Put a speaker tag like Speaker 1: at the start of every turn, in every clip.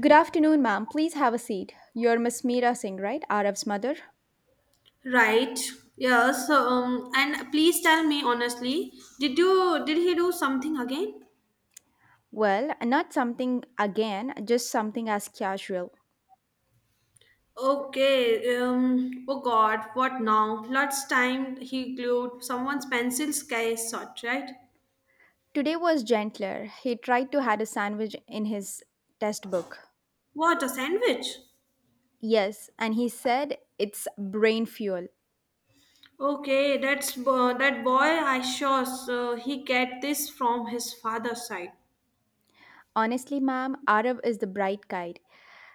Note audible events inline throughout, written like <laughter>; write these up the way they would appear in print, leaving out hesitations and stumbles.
Speaker 1: Good afternoon, ma'am. Please have a seat. You're Miss Meera Singh, right? Araf's mother?
Speaker 2: Right. Yes. And please tell me honestly, did he do something again?
Speaker 1: Well, not something again, just something as casual.
Speaker 2: Okay. Oh God. What now? Last time he glued someone's pencil sky shot. Right.
Speaker 1: Today was gentler. He tried to had a sandwich in his test book.
Speaker 2: What a sandwich.
Speaker 1: Yes, and he said it's brain fuel.
Speaker 2: Okay. That's that boy. I sure so he get this from his father's side.
Speaker 1: Honestly, ma'am, Arab is the bright guide.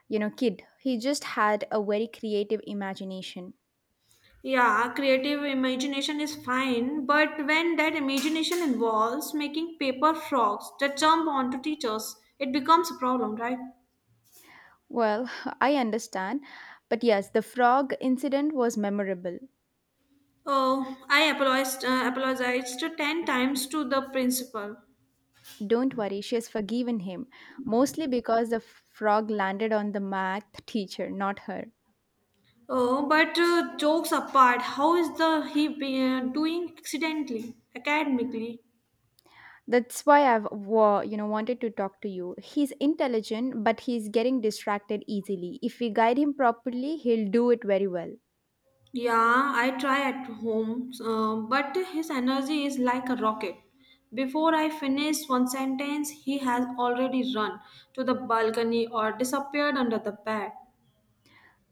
Speaker 1: You know, kid, he just had a very creative imagination.
Speaker 2: Yeah, creative imagination is fine, but when that imagination involves making paper frogs that jump onto teachers, it becomes a problem, right?
Speaker 1: Well, <laughs> I understand. But yes, the frog incident was memorable.
Speaker 2: Oh, I apologized, apologized 10 times to the principal.
Speaker 1: Don't worry, she has forgiven him, mostly because the frog landed on the math teacher, not her.
Speaker 2: Oh, but jokes apart, how is doing academically?
Speaker 1: That's why I've wanted to talk to you. He's intelligent, but he's getting distracted easily. If we guide him properly, he'll do it very well.
Speaker 2: Yeah, I try at home, but his energy is like a rocket. Before I finish one sentence, he has already run to the balcony or disappeared under the bed.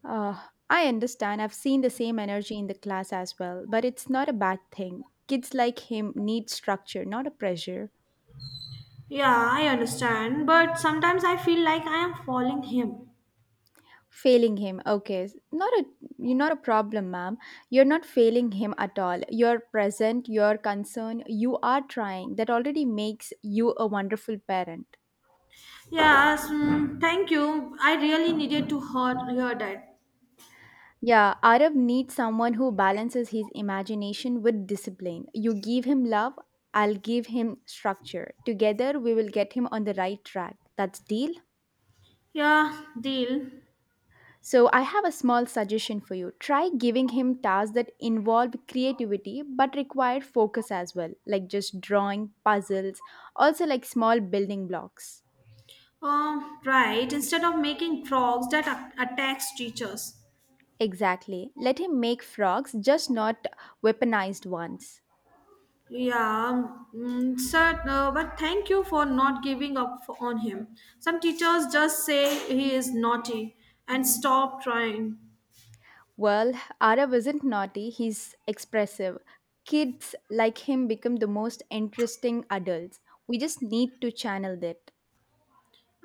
Speaker 1: Uh, I understand. I've seen the same energy in the class as well, but it's not a bad thing. Kids like him need structure, not a pressure.
Speaker 2: Yeah, I understand, but sometimes I feel like I am following him.
Speaker 1: Failing him. Okay. Not a You're not a problem, ma'am. You're not failing him at all. You're present, you're concerned, you are trying. That already makes you a wonderful parent.
Speaker 2: Yes, thank you. I really needed to hear that.
Speaker 1: Yeah, Arab needs someone who balances his imagination with discipline. You give him love, I'll give him structure. Together we will get him on the right track. That's deal.
Speaker 2: Yeah, deal.
Speaker 1: So I have a small suggestion for you. Try giving him tasks that involve creativity but require focus as well, like just drawing, puzzles, also like small building blocks.
Speaker 2: Right. Instead of making frogs that attacks teachers.
Speaker 1: Exactly. Let him make frogs, just not weaponized ones.
Speaker 2: Yeah, sir, but thank you for not giving up f on him. Some teachers just say he is naughty and stop trying.
Speaker 1: Well, Arav isn't naughty, he's expressive. Kids like him become the most interesting adults. We just need to channel that.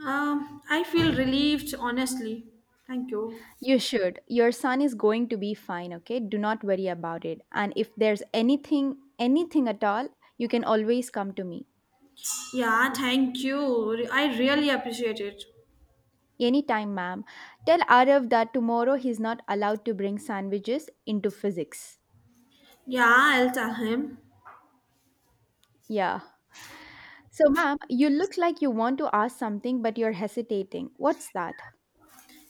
Speaker 2: I feel relieved, honestly. Thank you.
Speaker 1: You should. Your son is going to be fine, okay? Do not worry about it. And if there's anything, anything at all, you can always come to me.
Speaker 2: Yeah, thank you. I really appreciate it.
Speaker 1: Anytime, ma'am. Tell Arav that tomorrow he's not allowed to bring sandwiches into physics.
Speaker 2: Yeah, I'll tell him.
Speaker 1: Yeah. So, ma'am, you look like you want to ask something, but you're hesitating. What's that?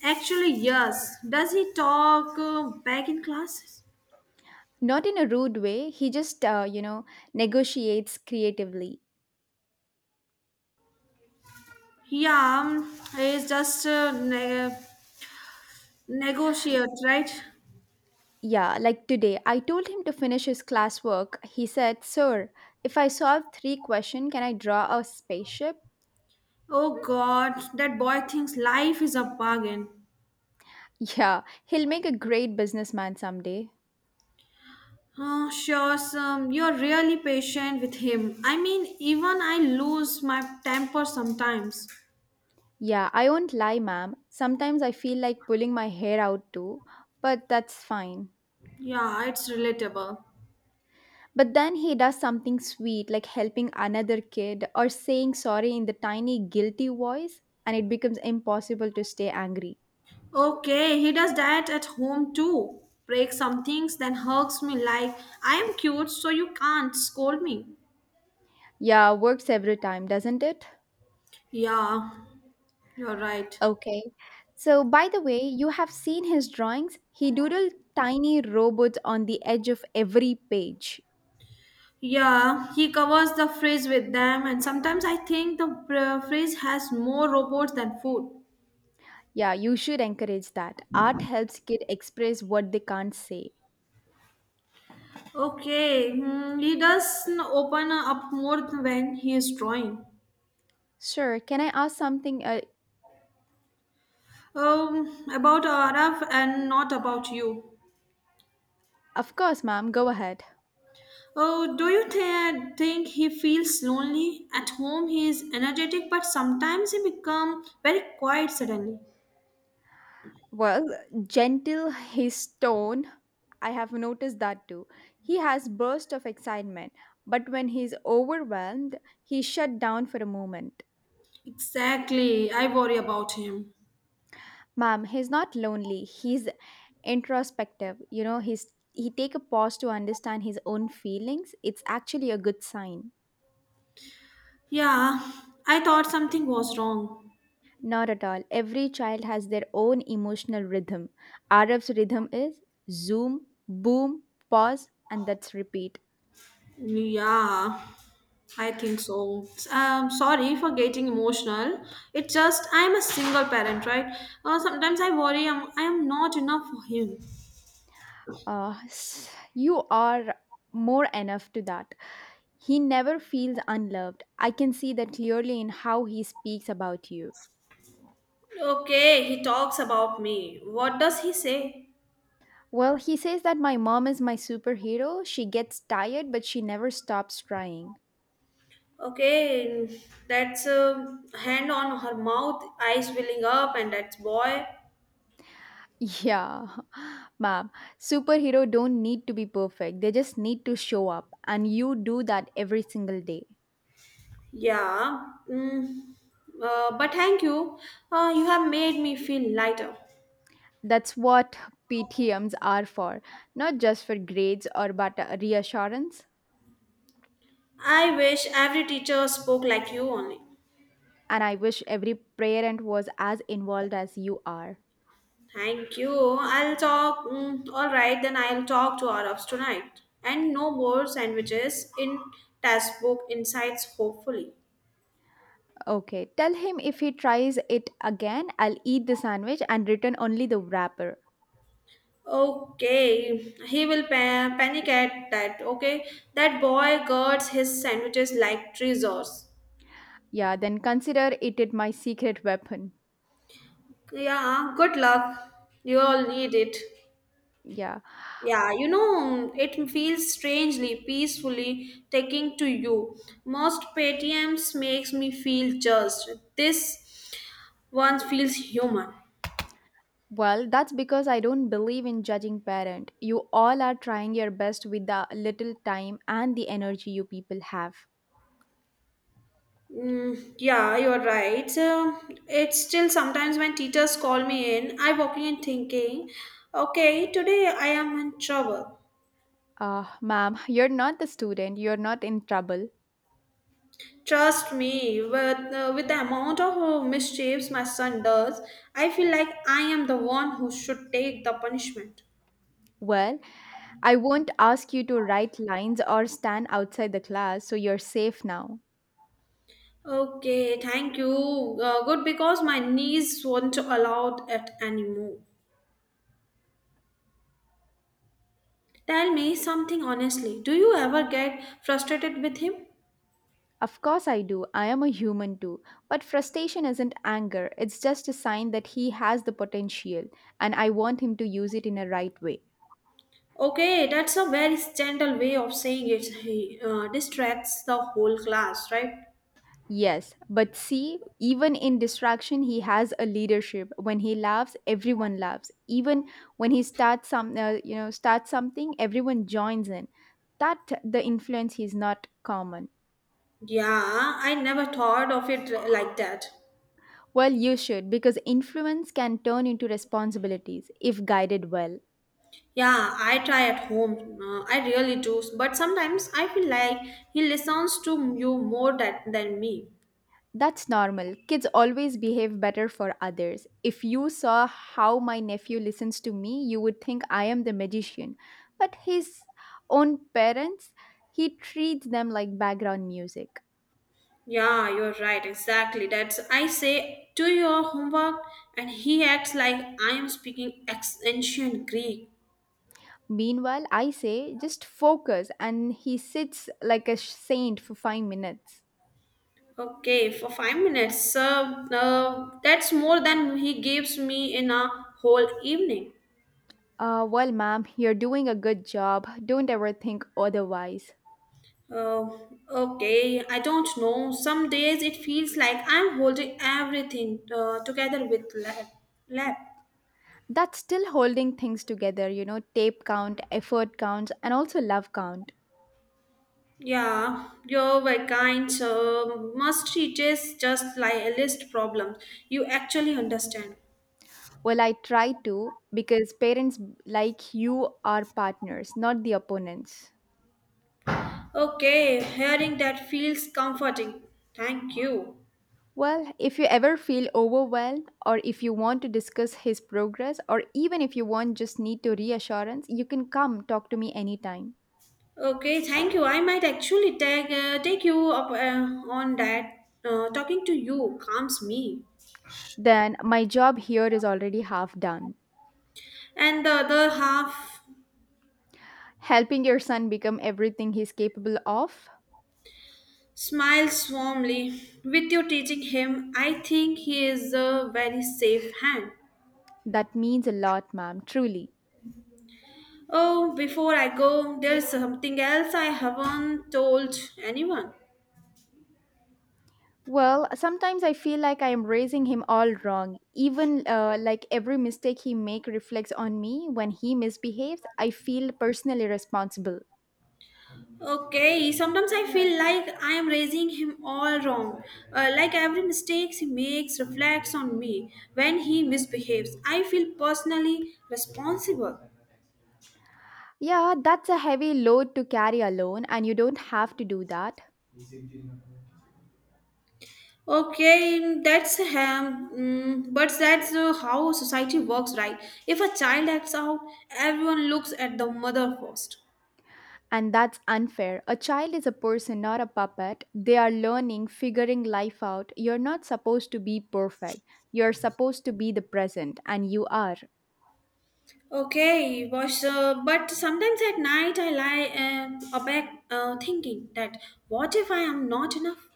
Speaker 2: Actually, yes. Does he talk back in class?
Speaker 1: Not in a rude way. He just, negotiates creatively.
Speaker 2: Yeah, he's just negotiate, right?
Speaker 1: Yeah, like today, I told him to finish his classwork. He said, Sir, if I solve three questions, can I draw a spaceship?
Speaker 2: Oh God, that boy thinks life is a bargain.
Speaker 1: <laughs> Yeah, he'll make a great businessman someday.
Speaker 2: Oh, sure, Sam, you're really patient with him. I mean, even I lose my temper sometimes.
Speaker 1: Yeah, I won't lie, ma'am. Sometimes I feel like pulling my hair out too, but that's fine.
Speaker 2: Yeah, it's relatable.
Speaker 1: But then he does something sweet like helping another kid or saying sorry in the tiny, guilty voice, and it becomes impossible to stay angry.
Speaker 2: Okay, he does that at home too. Breaks some things, then hugs me like, I am cute, so you can't scold me.
Speaker 1: Yeah, works every time, doesn't it?
Speaker 2: Yeah, you're right.
Speaker 1: Okay. So, by the way, you have seen his drawings. He doodled tiny robots on the edge of every page.
Speaker 2: Yeah, he covers the fridge with them, and sometimes I think the fridge has more robots than food.
Speaker 1: Yeah, you should encourage that. Art helps kids express what they can't say.
Speaker 2: Okay, hmm, he does open up more when he is drawing.
Speaker 1: Sure, can I ask something?
Speaker 2: About Araf and not about you.
Speaker 1: Of course, ma'am, go ahead.
Speaker 2: Oh, do you think he feels lonely? At home, he is energetic, but sometimes he become very quiet suddenly.
Speaker 1: Well, gentle his tone. I have noticed that too. He has bursts of excitement, but when he's overwhelmed, he shut down for a moment.
Speaker 2: Exactly, I worry about him.
Speaker 1: Ma'am, he's not lonely. He's introspective. You know, he take a pause to understand his own feelings. It's actually a good sign.
Speaker 2: Yeah, I thought something was wrong.
Speaker 1: Not at all. Every child has their own emotional rhythm. Arab's rhythm is zoom, boom, pause, and that's repeat.
Speaker 2: Yeah, I think so. Sorry for getting emotional. It's just I'm a single parent, right? Sometimes I worry I am not enough for him.
Speaker 1: S- you are more enough to that. He never feels unloved. I can see that clearly in how he speaks about you.
Speaker 2: Okay, he talks about me. What does he say?
Speaker 1: Well, he says that my mom is my superhero. She gets tired, but she never stops trying.
Speaker 2: Okay, that's a hand on her mouth, eyes filling up, and that's boy.
Speaker 1: Yeah, <laughs> ma'am. Superhero don't need to be perfect. They just need to show up, and you do that every single day.
Speaker 2: Yeah. But thank you. You have made me feel lighter.
Speaker 1: That's what PTMs are for, not just for grades or but reassurance.
Speaker 2: I wish every teacher spoke like you only.
Speaker 1: And I wish every parent was as involved as you are.
Speaker 2: Thank you. I'll talk. All right, then I'll talk to Arabs tonight. And no more sandwiches in textbook insights, hopefully.
Speaker 1: Okay, tell him if he tries it again, I'll eat the sandwich and return only the wrapper.
Speaker 2: Okay, he will panic at that. Okay, that boy guards his sandwiches like treasures.
Speaker 1: Yeah, then consider it my secret weapon.
Speaker 2: Yeah, good luck. You all need it.
Speaker 1: Yeah.
Speaker 2: Yeah, you know, it feels strangely, peacefully taking to you. Most PTMs makes me feel just this one feels human.
Speaker 1: Well, that's because I don't believe in judging parent. You all are trying your best with the little time and the energy you people have.
Speaker 2: Yeah, you're right. So it's still sometimes when teachers call me in, I walk in thinking, okay, today I am in trouble.
Speaker 1: Ah, ma'am, you're not the student. You're not in trouble.
Speaker 2: Trust me, with the amount of mischiefs my son does, I feel like I am the one who should take the punishment.
Speaker 1: Well, I won't ask you to write lines or stand outside the class, so you're safe now.
Speaker 2: Okay, thank you. Good because my knees won't allow it anymore. Tell me something honestly. Do you ever get frustrated with him?
Speaker 1: Of course, I do. I am a human too. But frustration isn't anger, it's just a sign that he has the potential, and I want him to use it in a right way.
Speaker 2: Okay, that's a very gentle way of saying it. He distracts the whole class, right?
Speaker 1: Yes, but see, even in distraction, he has a leadership. When he laughs, everyone laughs. Even when he starts something, everyone joins in. That the influence is not common.
Speaker 2: Yeah, I never thought of it like that.
Speaker 1: Well, you should because influence can turn into responsibilities if guided well.
Speaker 2: Yeah, I try at home. I really do. But sometimes I feel like he listens to you more than me.
Speaker 1: That's normal. Kids always behave better for others. If you saw how my nephew listens to me, you would think I am the magician. But his own parents, he treats them like background music.
Speaker 2: Yeah, you're right. Exactly. That's I say, do your homework, and he acts like I am speaking ancient Greek.
Speaker 1: Meanwhile, I say, just focus, and he sits like a saint for 5 minutes.
Speaker 2: Okay, for 5 minutes. That's more than he gives me in a whole evening.
Speaker 1: Well, ma'am, you're doing a good job. Don't ever think otherwise.
Speaker 2: Uh, okay, I don't know. Some days it feels like I'm holding everything together with lap.
Speaker 1: That's still holding things together, you know, tape count, effort counts, and also love count.
Speaker 2: Yeah, you were kind. So must teach just like a list problem. You actually understand.
Speaker 1: Well, I try to because parents like you are partners, not the opponents.
Speaker 2: Okay, hearing that feels comforting. Thank you.
Speaker 1: Well, if you ever feel overwhelmed or if you want to discuss his progress or even if you want just need to reassurance, you can come talk to me anytime.
Speaker 2: Okay, thank you. I might actually take you up on that. Talking to you calms me.
Speaker 1: Then my job here is already half done.
Speaker 2: And the other half
Speaker 1: Helping your son become everything he's capable of,
Speaker 2: smiles warmly. With you teaching him, I think he is a very safe hand.
Speaker 1: that means a lot, ma'am, truly.
Speaker 2: Oh, before I go, there is something else I haven't told anyone.
Speaker 1: Well, sometimes I feel like I am raising him all wrong. Even like every mistake he make reflects on me. When he misbehaves, I feel personally responsible.
Speaker 2: Okay, sometimes I feel like I am raising him all wrong. Like every mistake he makes reflects on me. When he misbehaves, I feel personally responsible.
Speaker 1: Yeah, that's a heavy load to carry alone and you don't have to do that.
Speaker 2: Okay, that's but that's how society works, right? If a child acts out, everyone looks at the mother first.
Speaker 1: And that's unfair. A child is a person, not a puppet. They are learning, figuring life out. You're not supposed to be perfect. You're supposed to be the present and you are.
Speaker 2: Okay, was but sometimes at night I lie awake thinking that what if I am not enough?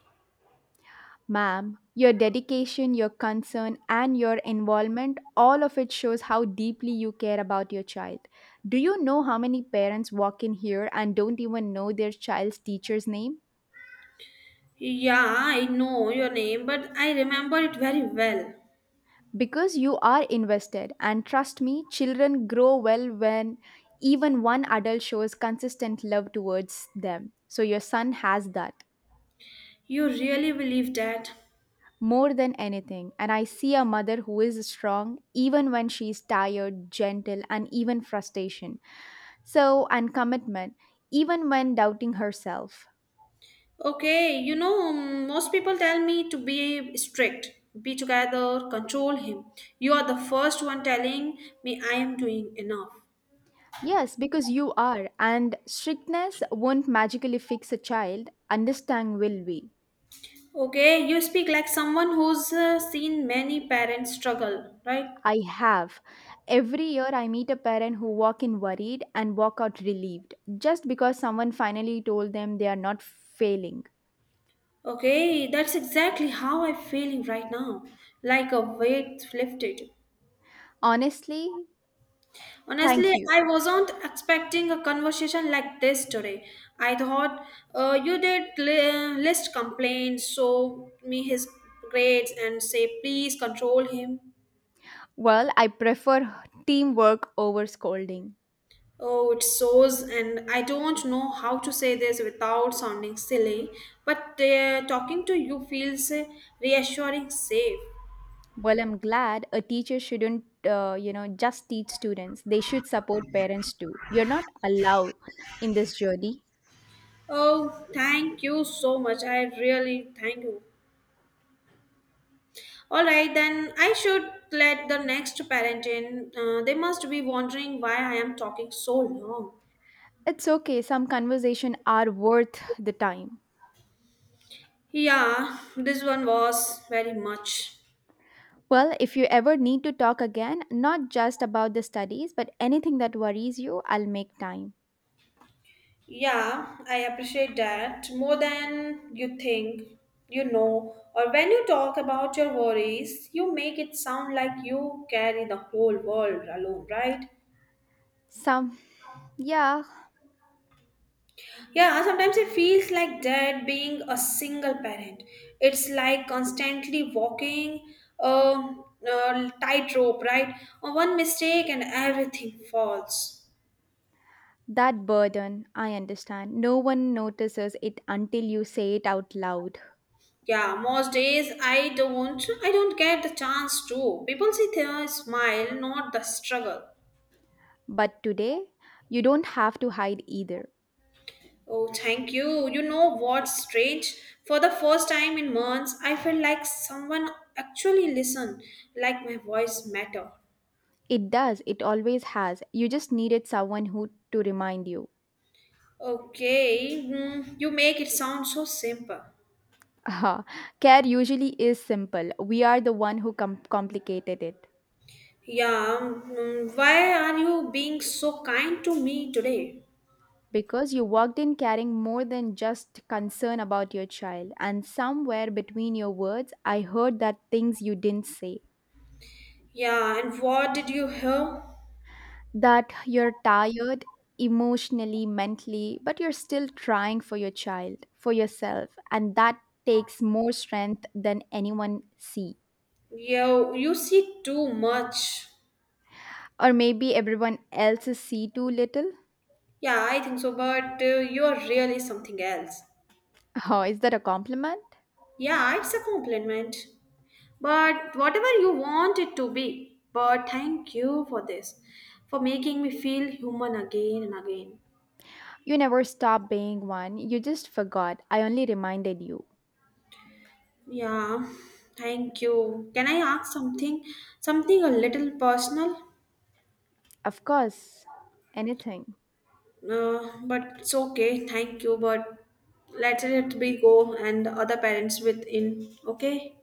Speaker 1: Ma'am, your dedication, your concern, and your involvement, all of it shows how deeply you care about your child. Do you know how many parents walk in here and don't even know their child's teacher's name?
Speaker 2: Yeah, I know your name, but I remember it very well.
Speaker 1: Because you are invested, and trust me, children grow well when even one adult shows consistent love towards them. So, your son has that
Speaker 2: You really believe that?
Speaker 1: more than anything. And I see a mother who is strong even when she's tired, gentle, and even frustration So, and commitment, even when doubting herself.
Speaker 2: Okay, you know, most people tell me to be strict, be together, control him. You are the first one telling me I am doing enough.
Speaker 1: Yes, because you are, and strictness won't magically fix a child, understand will we.
Speaker 2: Okay, you speak like someone who's seen many parents struggle, right?
Speaker 1: I have. Every year I meet a parent who walk in worried and walk out relieved just because someone finally told them they are not failing.
Speaker 2: Okay, that's exactly how I'm feeling right now, like a weight lifted.
Speaker 1: Honestly, thank
Speaker 2: Honestly,
Speaker 1: you.
Speaker 2: I wasn't expecting a conversation like this today. I thought you did list complaints, show me his grades, and say, please control him.
Speaker 1: Well, I prefer teamwork over scolding.
Speaker 2: Oh, it shows, and I don't know how to say this without sounding silly, but talking to you feels reassuring, safe.
Speaker 1: Well, I'm glad a teacher shouldn't, just teach students. They should support parents too. You're not allowed in this journey.
Speaker 2: Oh, thank you so much. I really thank you. All right, then I should let the next parent in. They must be wondering why I am talking so long.
Speaker 1: It's okay. Some conversation are worth the time.
Speaker 2: Yeah, this one was very much.
Speaker 1: Well, if you ever need to talk again, not just about the studies, but anything that worries you, I'll make time.
Speaker 2: Yeah, I appreciate that more than you think, you know, or when you talk about your worries, you make it sound like you carry the whole world alone, right?
Speaker 1: Some, yeah,
Speaker 2: Yeah, sometimes it feels like that being a single parent. It's like constantly walking a tightrope, right? One mistake and everything falls.
Speaker 1: that burden, I understand. No one notices it until you say it out loud.
Speaker 2: Yeah, most days I don't get the chance to. People see their smile, not the struggle.
Speaker 1: But today, you don't have to hide either.
Speaker 2: Oh, thank you. You know what's strange? For the first time in months, I felt like someone actually listened, like my voice matter.
Speaker 1: It does, it always has. You just needed someone who to remind you.
Speaker 2: Okay, you make it sound so simple.
Speaker 1: Aha. Care usually is simple. We are the one who complicated it.
Speaker 2: Yeah, why are you being so kind to me today?
Speaker 1: Because you walked in carrying more than just concern about your child, and somewhere between your words, I heard that things you didn't say.
Speaker 2: Yeah, and what did you hear?
Speaker 1: That you're tired emotionally, mentally, but you're still trying for your child, for yourself, and that takes more strength than anyone sees.
Speaker 2: You see too much.
Speaker 1: Or maybe everyone else is see too little?
Speaker 2: Yeah, I think so, but you're really something else.
Speaker 1: Oh, is that a compliment?
Speaker 2: Yeah, it's a compliment. But whatever you want it to be. But thank you for this, for making me feel human again and again.
Speaker 1: You never stop being one. You just forgot. I only reminded you.
Speaker 2: Yeah, thank you. Can I ask something? Something a little personal?
Speaker 1: Of course. Anything.
Speaker 2: But it's okay. Thank you. But let it be go and the other parents within. Okay?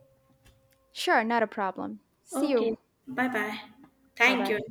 Speaker 1: Sure, not a problem. See you.
Speaker 2: Okay. Bye bye.
Speaker 1: Bye
Speaker 2: Thank you.
Speaker 1: bye.